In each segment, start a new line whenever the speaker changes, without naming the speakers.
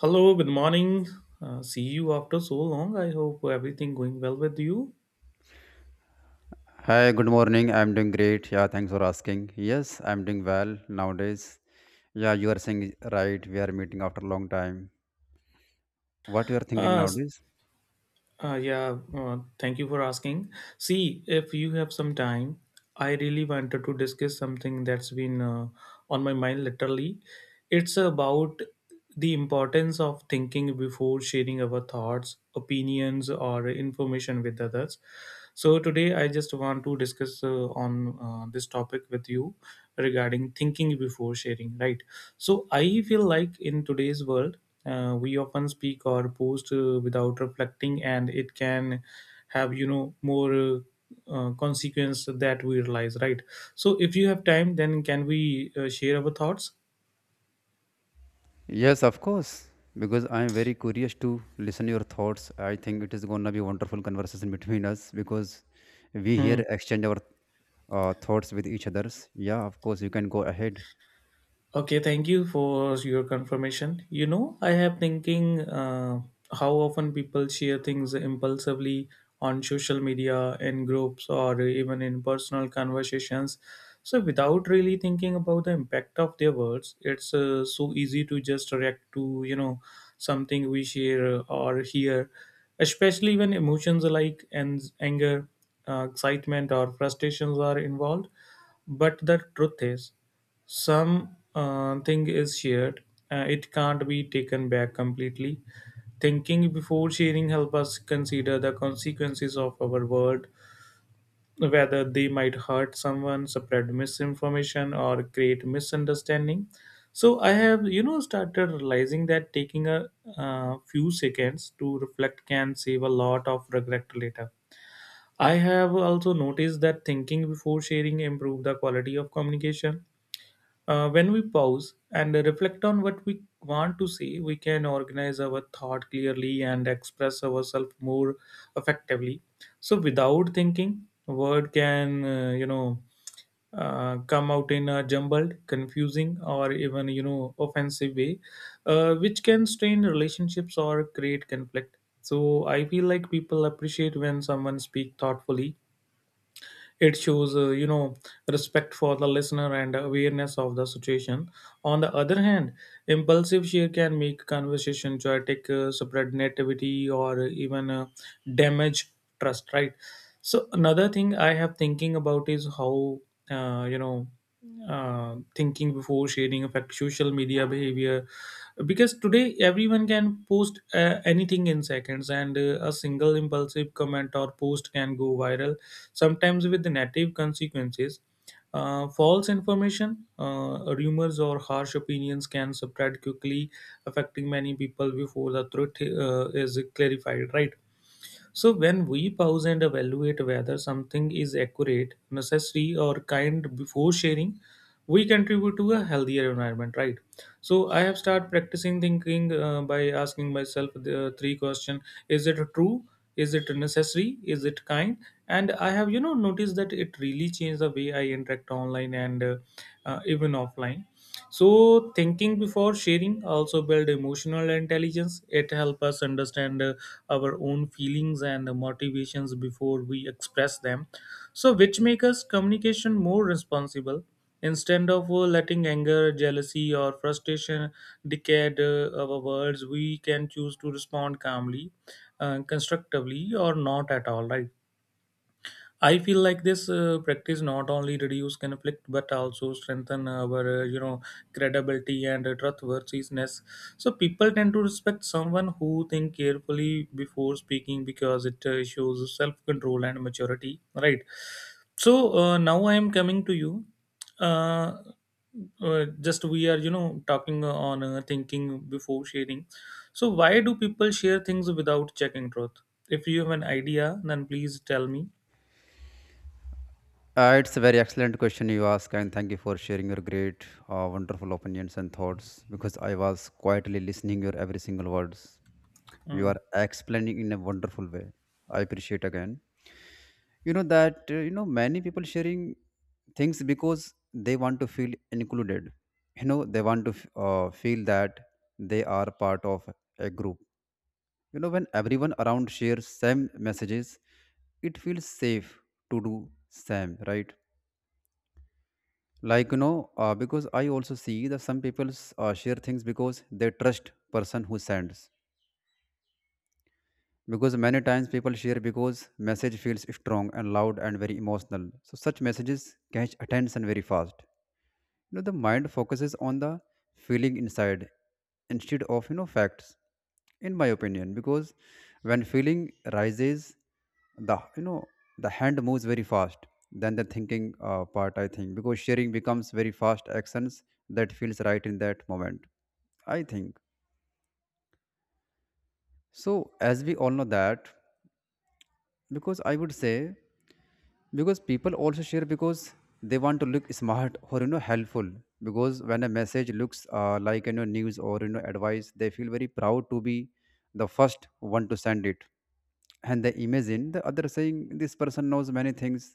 Hello, good morning. See you after so long. I hope everything going well with you.
Hi, good morning. I'm doing great. Yeah, thanks for asking. Yes, I'm doing well nowadays. Yeah, you are saying it right. We are meeting after a long time. What you are thinking
Uh, s-
nowadays?
yeah, Thank you for asking. See, if you have some time, I really wanted to discuss something that's been on my mind literally. It's about the importance of thinking before sharing our thoughts, opinions, or information with others. So today, I just want to discuss on this topic with you regarding thinking before sharing, right? So I feel like in today's world, we often speak or post without reflecting, and it can have more consequence that we realize, right? So if you have time, then can we share our thoughts?
Yes, of course. Because I'm very curious to listen your thoughts. I think it is gonna be wonderful conversation between us because we
Hmm.
here exchange our thoughts with each others. Yeah, of course. You can go ahead.
Okay, thank you for your confirmation. You know, I have thinking how often people share things impulsively on social media, in groups, or even in personal conversations. So, without really thinking about the impact of their words, it's so easy to just react to something we share or hear, especially when emotions like and anger, excitement, or frustrations are involved. But the truth is some thing is shared, it can't be taken back completely. Thinking before sharing help us consider the consequences of our word, whether they might hurt someone, spread misinformation, or create misunderstanding. So I have started realizing that taking a few seconds to reflect can save a lot of regret later. I have also noticed that thinking before sharing improve the quality of communication. When we pause and reflect on what we want to see, we can organize our thought clearly and express ourselves more effectively. So, without thinking, word can come out in a jumbled, confusing, or even offensive way, which can strain relationships or create conflict. So, I feel like people appreciate when someone speak thoughtfully. It shows, respect for the listener and awareness of the situation. On the other hand, impulsive share can make conversation chaotic, spread negativity, or even damage trust. Right. So another thing I have thinking about is how uh, you know thinking before sharing affect social media behavior, because today everyone can post anything in seconds, and a single impulsive comment or post can go viral, sometimes with the negative consequences. False information, rumors, or harsh opinions can spread quickly, affecting many people before the truth is clarified, right? So when we pause and evaluate whether something is accurate, necessary, or kind before sharing, we contribute to a healthier environment, right? So I have started practicing thinking by asking myself the three question: Is it true? Is it necessary? Is it kind? And I have, you know, noticed that it really changed the way I interact online and even offline. So thinking before sharing also build emotional intelligence. It helps us understand our own feelings and motivations before we express them. So which make us communication more responsible, instead of letting anger, jealousy, or frustration dictate our words. We can choose to respond calmly, constructively, or not at all, right? I feel like this practice not only reduce conflict but also strengthen our, credibility and trustworthiness. So people tend to respect someone who think carefully before speaking, because it shows self control and maturity. Right. So now I am coming to you. Uh, just we are talking on thinking before sharing. So why do people share things without checking truth? If you have an idea, then please tell me.
It's a very excellent question you ask, and thank you for sharing your great, wonderful opinions and thoughts. Because I was quietly listening your every single words. You
Hmm.
are explaining in a wonderful way. I appreciate again. You know that many people sharing things because they want to feel included. You know they want to feel that they are part of a group. You know when everyone around shares same messages, it feels safe to do same, right? Like because I also see that some people share things because they trust person who sends, because many times people share because message feels strong and loud and very emotional. So such messages catch attention very fast. You know, the mind focuses on the feeling inside instead of, you know, facts, in my opinion. Because when feeling rises, the, you know, the hand moves very fast than the thinking part, I think, because sharing becomes very fast actions that feels right in that moment, I think. So as we all know that, because I would say, because people also share because they want to look smart, or you know, helpful. Because when a message looks like, you know, news or, you know, advice, they feel very proud to be the first one to send it, and they imagine the other saying this person knows many things.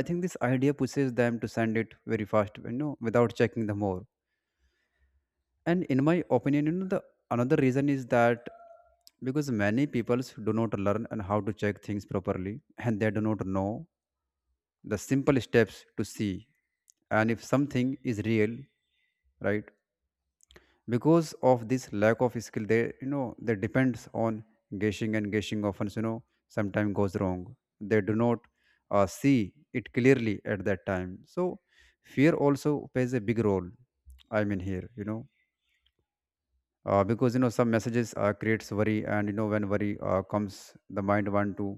I think this idea pushes them to send it very fast, you know, without checking the more. And in my opinion, you know, the another reason is that because many people do not learn and how to check things properly, and they do not know the simple steps to see and if something is real, right? Because of this lack of skill, they, you know, they depends on guessing, and guessing often, you know, sometimes goes wrong. They do not see it clearly at that time. So fear also plays a big role, I mean here, you know, because, you know, some messages creates worry, and you know, when worry comes, the mind want to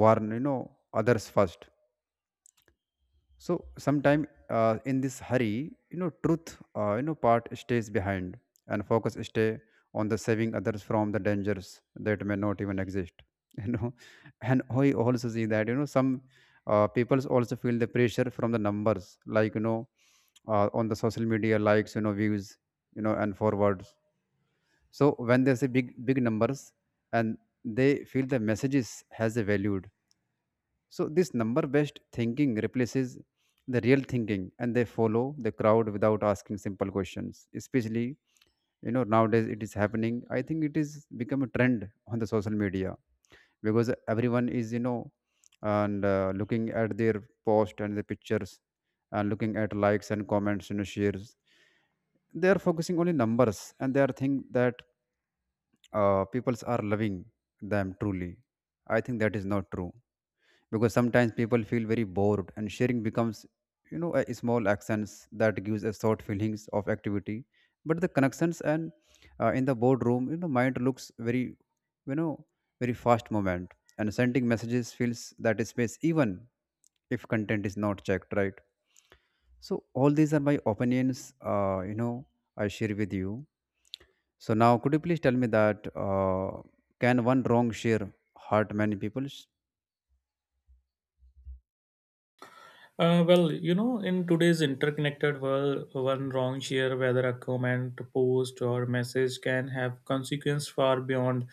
warn, you know, others first. So sometime in this hurry, you know, truth, part stays behind, and focus stay on the saving others from the dangers that may not even exist. You know, and I also see that, you know, some people also feel the pressure from the numbers, like, you know, on the social media likes, you know, views, you know, and forwards. So when they say big big numbers, and they feel the messages has a value, so this number based thinking replaces the real thinking, and they follow the crowd without asking simple questions. Especially, you know, nowadays it is happening. I think it is become a trend on the social media, because everyone is, you know, and looking at their post and the pictures, and looking at likes and comments and shares. They are focusing only numbers, and they are think that peoples are loving them truly. I think that is not true, because sometimes people feel very bored and sharing becomes, you know, a small actions that gives a short feelings of activity, but the connections and, in the boardroom, you know, mind looks very, you know, very fast moment, and sending messages fills that space even if content is not checked, right? So all these are my opinions, I share with you. So now could you please tell me that can one wrong share hurt many people?
Well, you know, in today's interconnected world, one wrong share, whether a comment, post, or message, can have consequence far beyond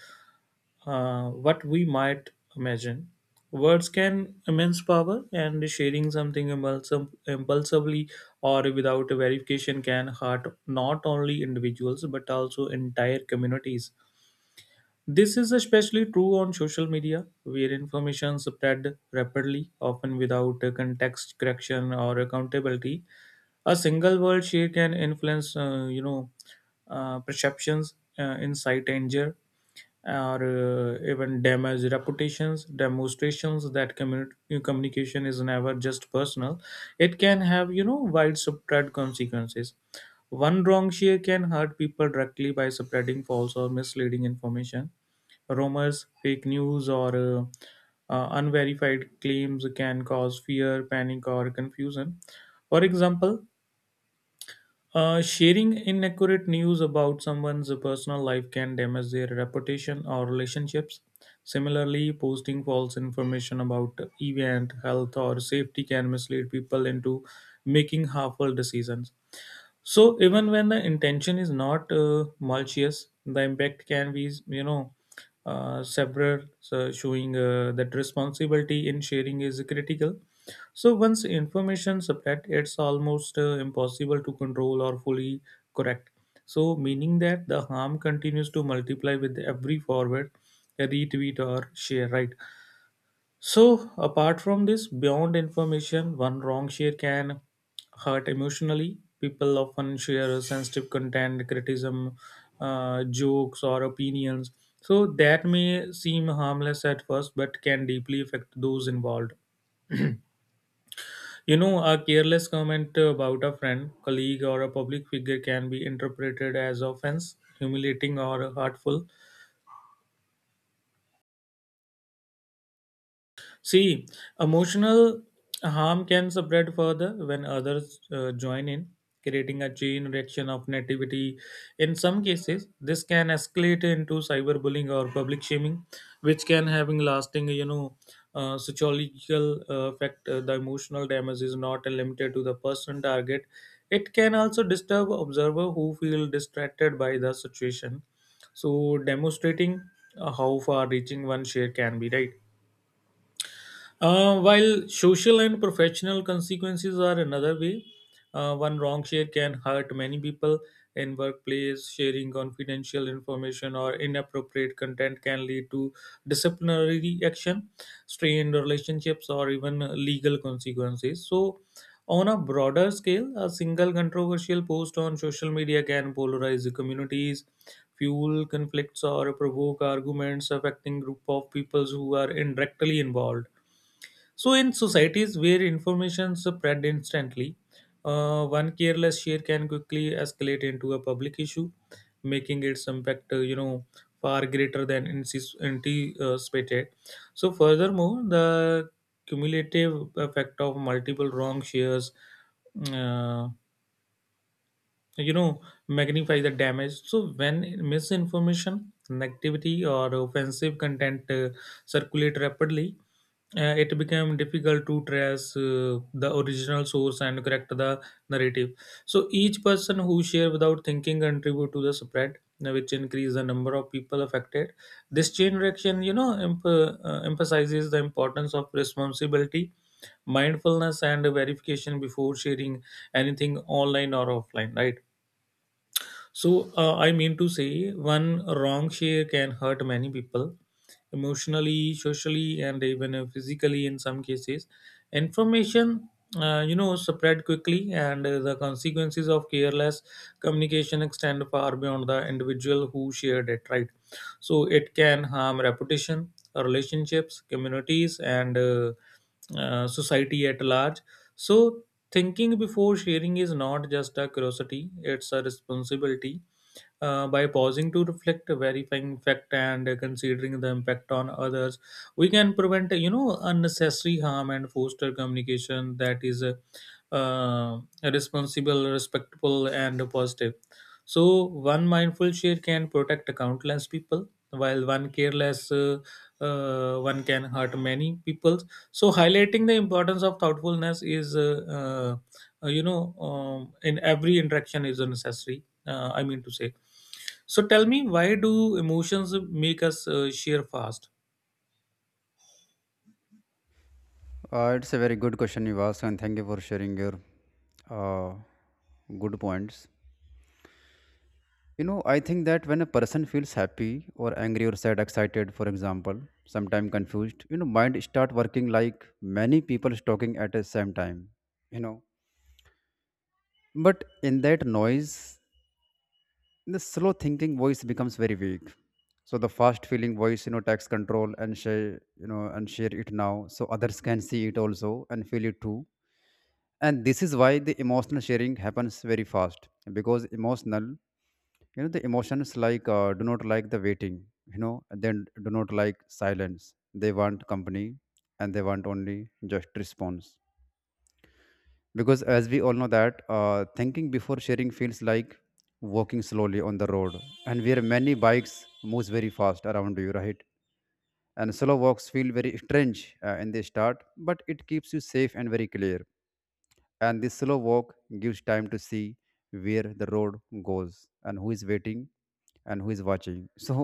what we might imagine. Words can immense power, and sharing something impulsively or without verification can hurt not only individuals but also entire communities. This is especially true on social media, where information spread rapidly, often without context correction or accountability. A single word share can influence, perceptions, incite anger, or even damage reputations. Demonstrations that communication is never just personal; it can have, you know, widespread consequences. One wrong share can hurt people directly by spreading false or misleading information. Rumors, fake news, or unverified claims can cause fear, panic, or confusion. For example, sharing inaccurate news about someone's personal life can damage their reputation or relationships. Similarly, posting false information about event, health, or safety can mislead people into making harmful decisions. So even when the intention is not malicious, the impact can be, you know, several, so showing that responsibility in sharing is critical. So once information spread, it's almost impossible to control or fully correct. So meaning that the harm continues to multiply with every forward, retweet, or share, right? So, apart from this, beyond information, one wrong share can hurt emotionally. People often share sensitive content, criticism, jokes, or opinions. So, that may seem harmless at first, but can deeply affect those involved. You know, a careless comment about a friend, colleague, or a public figure can be interpreted as offense, humiliating, or hurtful. See, emotional harm can spread further when others join in, creating a chain reaction of negativity. In some cases, this can escalate into cyberbullying or public shaming, which can having lasting, psychological effect. The emotional damage is not limited to the person target. It can also disturb observer who feel distracted by the situation. So, demonstrating how far reaching one share can be, right? While social and professional consequences are another way, one wrong share can hurt many people in workplace. Sharing confidential information or inappropriate content can lead to disciplinary action, strained relationships, or even legal consequences. So, on a broader scale, a single controversial post on social media can polarize the communities, fuel conflicts, or provoke arguments affecting group of peoples who are indirectly involved. So, in societies where information spread instantly, one careless share can quickly escalate into a public issue, making its impact, far greater than anticipated. So, furthermore, the cumulative effect of multiple wrong shares, uh, you know magnify the damage. So when misinformation, negativity, or offensive content circulate rapidly, it became difficult to trace the original source and correct the narrative. So each person who share without thinking contribute to the spread, which increase the number of people affected. This chain reaction emphasizes the importance of responsibility, mindfulness, and verification before sharing anything online or offline, right? So, I mean to say, one wrong share can hurt many people emotionally, socially, and even physically in some cases. Information, spread quickly, and the consequences of careless communication extend far beyond the individual who shared it, right? So, it can harm reputation, relationships, communities, and society at large. So, thinking before sharing is not just a curiosity, it's a responsibility. By pausing to reflect, verifying fact, and considering the impact on others, we can prevent unnecessary harm and foster communication that is uh, responsible, respectful, and positive. So one mindful share can protect countless people, while one careless one can hurt many people, so highlighting the importance of thoughtfulness is in every interaction is necessary, I mean to say. So tell me, why do emotions make us share fast?
It's a very good question you asked, and thank you for sharing your uh, good points. You know, I think that when a person feels happy or angry or sad, excited, for example, sometimes confused, you know, mind start working like many people talking at the same time. You know, but in that noise, the slow thinking voice becomes very weak. So the fast feeling voice, you know, takes control and share, you know, and share it now, so others can see it also and feel it too. And this is why the emotional sharing happens very fast, because emotional, you know, the emotions like do not like the waiting, you know, then do not like silence, they want company, and they want only just response. Because as we all know that thinking before sharing feels like walking slowly on the road, and where many bikes moves very fast around you, right? And slow walks feel very strange in the start, but it keeps you safe and very clear. And this slow walk gives time to see where the road goes, and who is waiting, and who is watching. So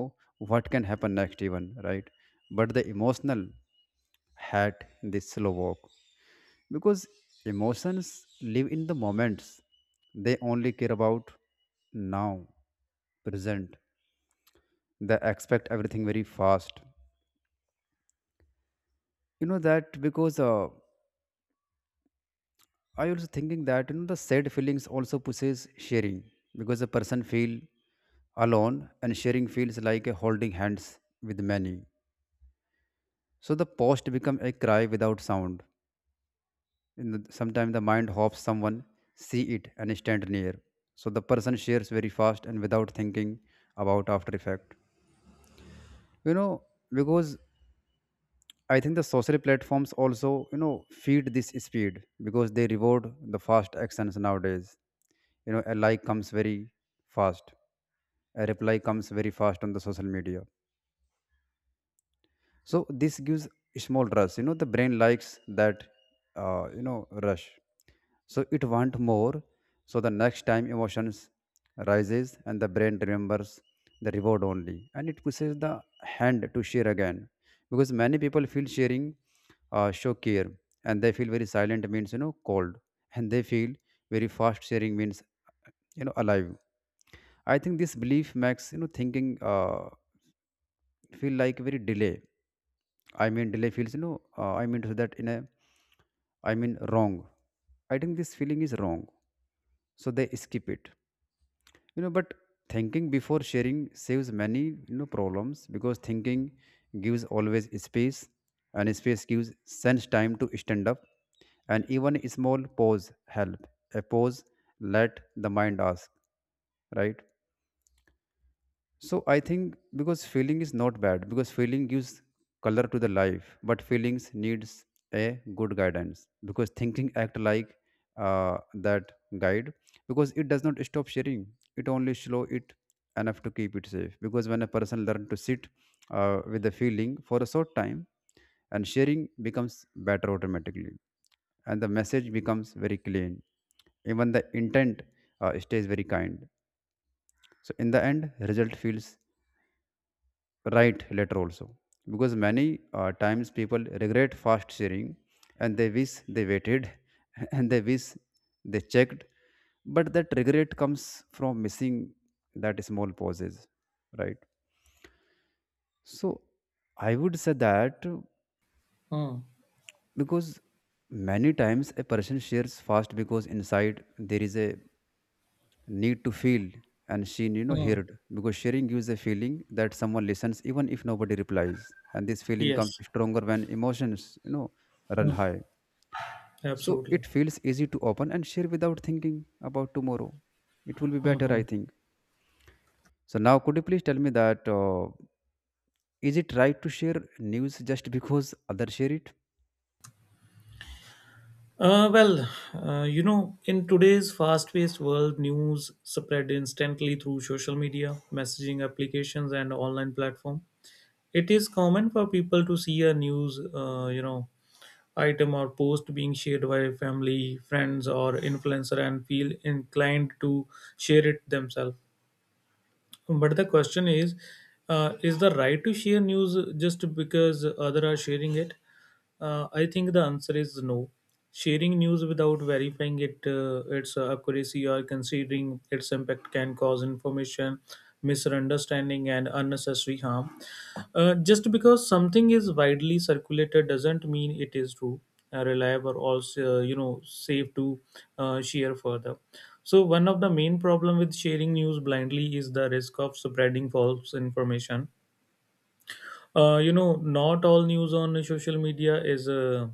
what can happen next even, right? But the emotional hat this slow walk, because emotions live in the moments, they only care about now, present. They expect everything very fast, you know that. Because I also thinking that, you know, the sad feelings also pushes sharing, because a person feel alone, and sharing feels like a holding hands with many. So the post become a cry without sound. In the, sometimes the mind hopes someone see it and stand near. So the person shares very fast and without thinking about after effect. You know, because I think the social platforms also, you know, feed this speed because they reward the fast actions nowadays. You know, a like comes very fast, a reply comes very fast on the social media, so this gives small rush, you know, the brain likes that, you know, rush, so it want more. So the next time emotions rises, and the brain remembers the reward only, and it pushes the hand to share again. Because many people feel sharing show care, and they feel very silent means, you know, cold, and they feel very fast sharing means, you know, alive. I think this belief makes, you know, thinking feel like very delay. I mean, delay feels, you know, so say that in a, I mean, wrong. I think this feeling is wrong. So they skip it, you know, but thinking before sharing saves many, you know, problems, because thinking gives always space, and space gives sense time to stand up, and even a small pause help. A pause let the mind ask, right? So I think, because feeling is not bad, because feeling gives color to the life, but feelings needs a good guidance, because thinking act like that guide, because it does not stop sharing. It only slow it enough to keep it safe, because when a person learn to sit with the feeling for a short time, and sharing becomes better automatically, and the message becomes very clean, even the intent stays very kind. So in the end result feels right later also, because many times people regret fast sharing, and they wish they waited and they wish they checked, but that regret comes from missing that small pauses, right? So I would say that
Hmm.
because many times a person shares fast because inside there is a need to feel and seen, you know,
Hmm.
heard, because sharing gives a feeling that someone listens even if nobody replies, and this feeling comes
Yes.
stronger when emotions, you know, run
Hmm.
high. So
Absolutely.
it feels easy to open and share without thinking about tomorrow. It will be better,
Hmm.
I think. So now could you please tell me that is it right to share news just because others share it?
Well, you know, in today's fast paced world, news spread instantly through social media, messaging applications, and online platform. It is common for people to see a news, item or post being shared by family, friends, or influencer and feel inclined to share it themselves. But the question is the right to share news just because others are sharing it? I think the answer is no. Sharing news without verifying it, its accuracy or considering its impact can cause information misunderstanding and unnecessary harm. Just because something is widely circulated doesn't mean it is true, reliable, or safe to share further. So one of the main problem with sharing news blindly is the risk of spreading false information. Not all news on social media is uh,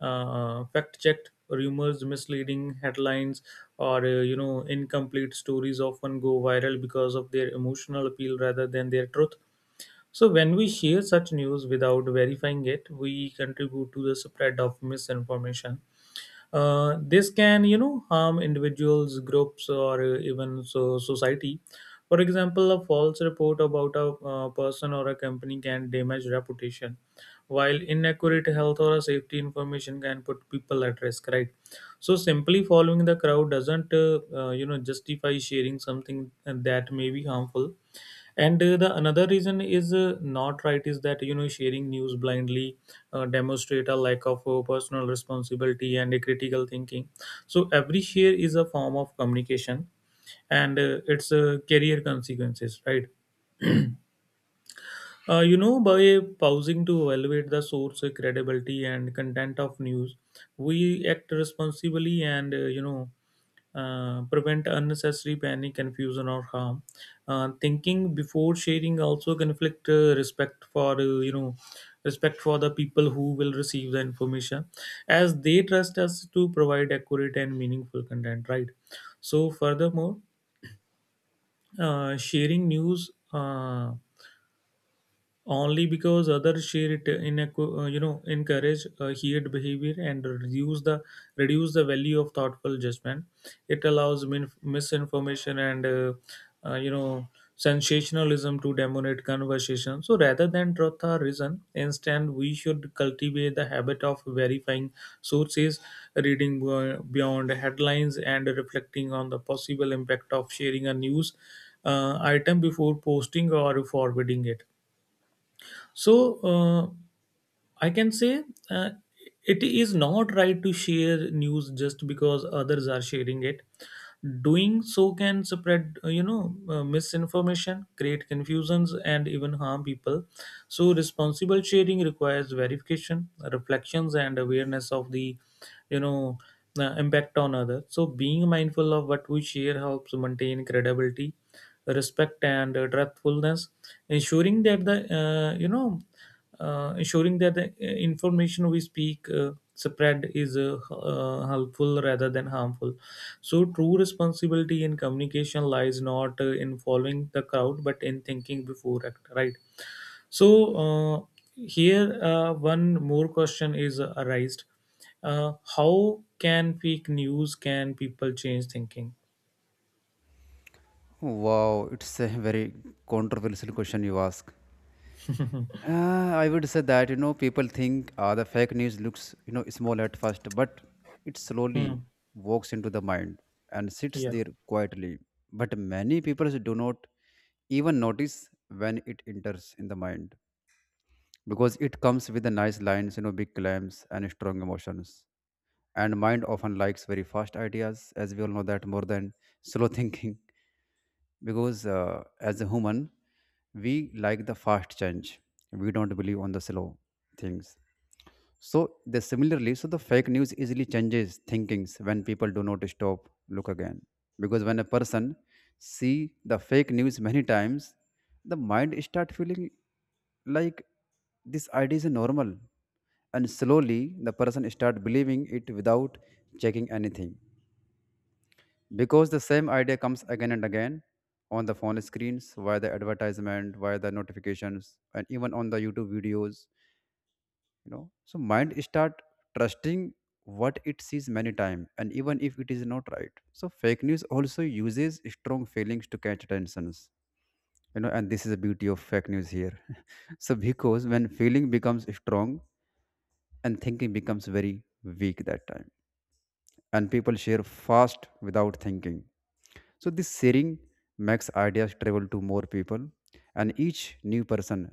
uh, fact checked. Rumors, misleading headlines, or incomplete stories often go viral because of their emotional appeal rather than their truth. So when we share such news without verifying it, we contribute to the spread of misinformation. This can, you know, harm individuals, groups, or even so society. For example, a false report about a person or a company can damage reputation, while inaccurate health or a safety information can put people at risk. Right. So simply following the crowd doesn't justify sharing something that may be harmful, and the another reason is not right is that sharing news blindly demonstrate a lack of personal responsibility and a critical thinking. So every share is a form of communication and its career consequences, right? By pausing to evaluate the source credibility and content of news, we act responsibly and prevent unnecessary panic, confusion, or harm. Thinking before sharing also conflict respect for respect for the people who will receive the information, as they trust us to provide accurate and meaningful content. Right. So furthermore, sharing news only because others share it in a encourage shared behavior and reduce the value of thoughtful judgment. It allows misinformation and uh, you know sensationalism to dominate conversation, so rather than truth or reason, instead we should cultivate the habit of verifying sources, reading beyond headlines and reflecting on the possible impact of sharing a news item before posting or forwarding it. So I can say uh, it is not right to share news just because others are sharing it. Doing so can spread, misinformation, create confusions, and even harm people. So responsible sharing requires verification, reflections, and awareness of the, you know, impact on others. So being mindful of what we share helps maintain credibility, respect, and truthfulness, ensuring that the information we speak spread is helpful rather than harmful. So true responsibility in communication lies not in following the crowd but in thinking before act, right? So uh, here one more question is arised. How can fake news can people change thinking?
Wow, it's a very controversial question you ask. I would say that, you know, people think the fake news looks, you know, small at first, but it slowly
Hmm.
walks into the mind and sits
Yeah.
there quietly. But many people do not even notice when it enters in the mind, because it comes with the nice lines, you know, big claims and strong emotions. And mind often likes very fast ideas, as we all know, that more than slow thinking, because as a human, we like the fast change. We don't believe on the slow things. So the similarly so the fake news easily changes thinkings when people do not stop look again. Because when a person see the fake news many times, the mind start feeling like this idea is normal, and slowly the person start believing it without checking anything, because the same idea comes again and again on the phone screens, via the advertisement, via the notifications, and even on the YouTube videos. So mind start trusting what it sees many times, and even if it is not right. So fake news also uses strong feelings to catch attentions. And this is the beauty of fake news here. so because when feeling becomes strong and thinking becomes very weak that time, and people share fast without thinking. So this sharing makes ideas travel to more people, and each new person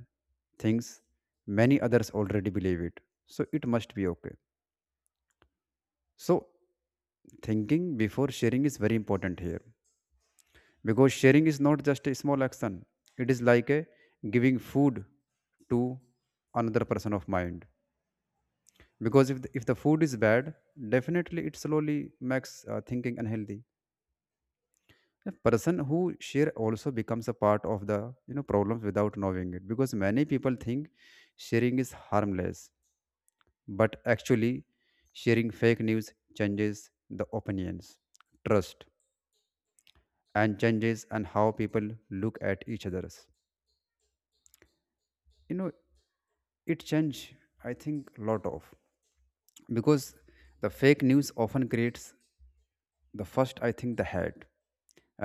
thinks many others already believe it. So it must be okay. So thinking before sharing is very important here because sharing is not just a small action. It is like a giving food to another person of mind. Because if the food is bad, definitely it slowly makes thinking unhealthy. A person who share also becomes a part of the problems without knowing it, because many people think sharing is harmless, but actually sharing fake news changes the opinions, trust, and changes and how people look at each others, you know it change, I think, lot of, because the fake news often creates the first, I think, the hate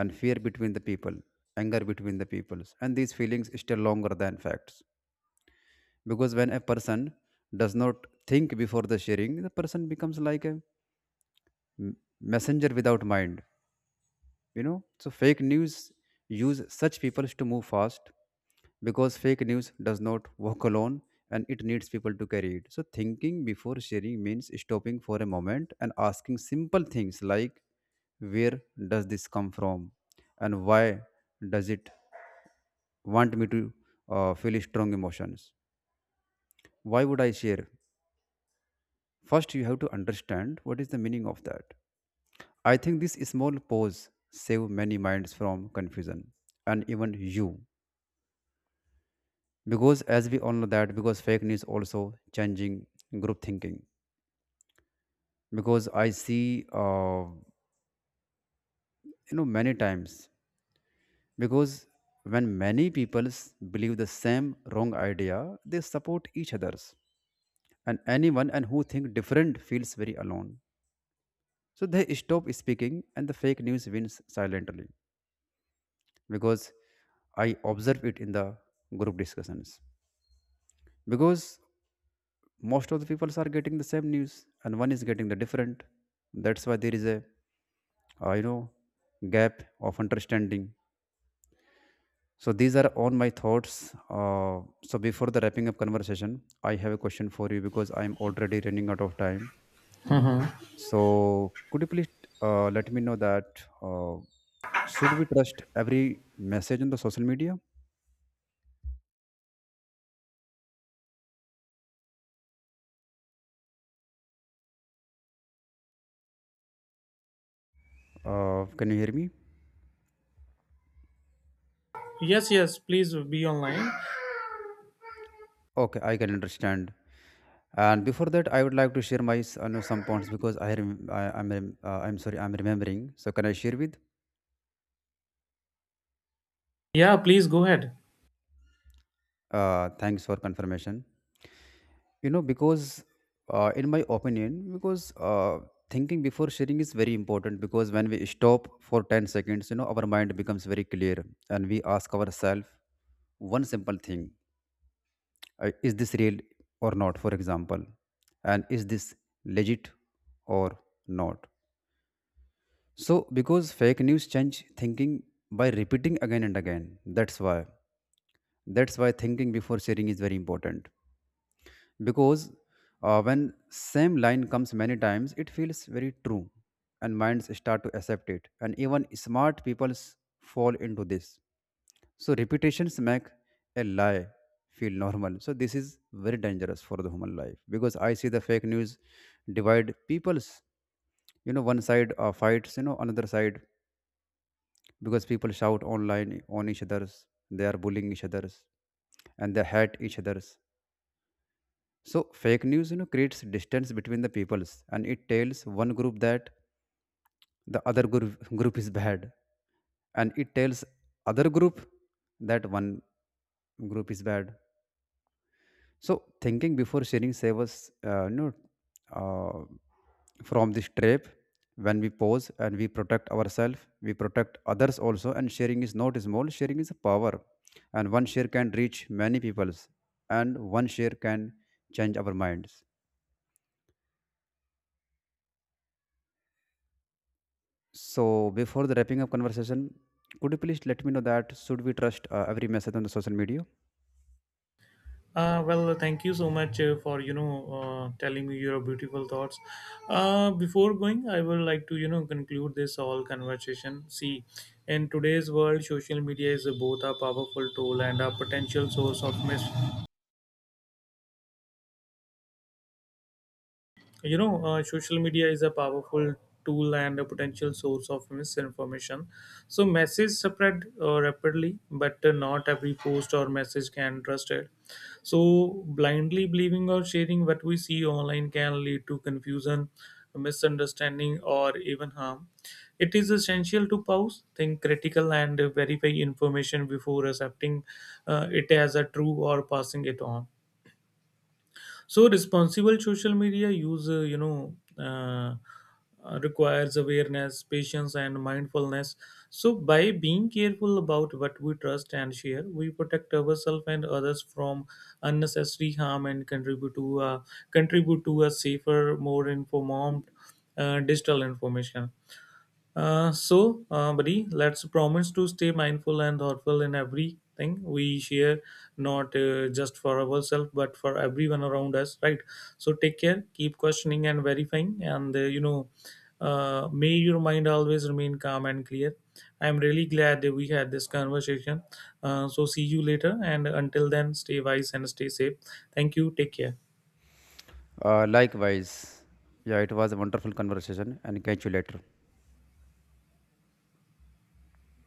and fear between the people, anger between the peoples, and these feelings stay longer than facts. Because when a person does not think before the sharing, the person becomes like a messenger without mind. Fake news use such people to move fast because fake news does not walk alone and it needs people to carry it. So thinking before sharing means stopping for a moment and asking simple things like where does this come from, and why does it want me to feel strong emotions. Why would I share? First, you have to understand what is the meaning of that. I think this small pause save many minds from confusion, and even you. Because as we all know that, because fake news also changing group thinking. Because I see, many times. Because when many people believe the same wrong idea, they support each others. And anyone and who think different feels very alone. So they stop speaking and the fake news wins silently, because I observe it in the group discussions. Because most of the people are getting the same news and one is getting the different. That's why there is a uh, you know gap of understanding. So these are all my thoughts. So before the wrapping up conversation, I have a question for you because I'm already running out of time.
Mhm.
So could you please let me know that should we trust every message on the social media? Can you hear me?
Yes, yes, please be online.
Okay, I can understand. And before that, I would like to share my know, some points because I'm sorry, I'm remembering. So can I share with?
Yeah, please go ahead.
Thanks for confirmation. You know, because in my opinion, because thinking before sharing is very important, because when we stop for 10 seconds, our mind becomes very clear, and we ask ourselves one simple thing: Is this real or not? For example, and is this legit or not? So, because fake news change thinking by repeating again and again, that's why. That's why thinking before sharing is very important. Because when same line comes many times, it feels very true, and minds start to accept it. And even smart people fall into this. So repetitions make a lie feel normal. So this is very dangerous for the human life because I see the fake news divide people's, one side fights, another side, because people shout online on each others, they are bullying each others, and they hate each others. So fake news, creates distance between the peoples, and it tells one group that the other group is bad, and it tells other group that one group is bad. So thinking before sharing save us, from this trap. When we pause and we protect ourselves, we protect others also. And sharing is not small; sharing is a power, and one share can reach many peoples, and one share can change our minds. So before the wrapping up conversation, could you please let me know that should we trust every message on the social media?
Well, thank you so much for telling me your beautiful thoughts. Before going, I would like to conclude this whole conversation. See, in today's world, social media is both a powerful tool and a potential source of social media is a powerful tool and a potential source of misinformation. So messages spread rapidly, but not every post or message can trust it. So blindly believing or sharing what we see online can lead to confusion, misunderstanding, or even harm. It is essential to pause, think critical, and verify information before accepting it as a true or passing it on. So responsible social media use requires awareness, patience, and mindfulness. So by being careful about what we trust and share, we protect ourselves and others from unnecessary harm and contribute to a safer, more informed digital information. So, buddy, let's promise to stay mindful and thoughtful in everything we share, not just for ourselves, but for everyone around us, right? So, take care, keep questioning and verifying, and may your mind always remain calm and clear. I'm really glad that we had this conversation. So, see you later, and until then, stay wise and stay safe. Thank you, take care.
Likewise, yeah, it was a wonderful conversation, and catch you later.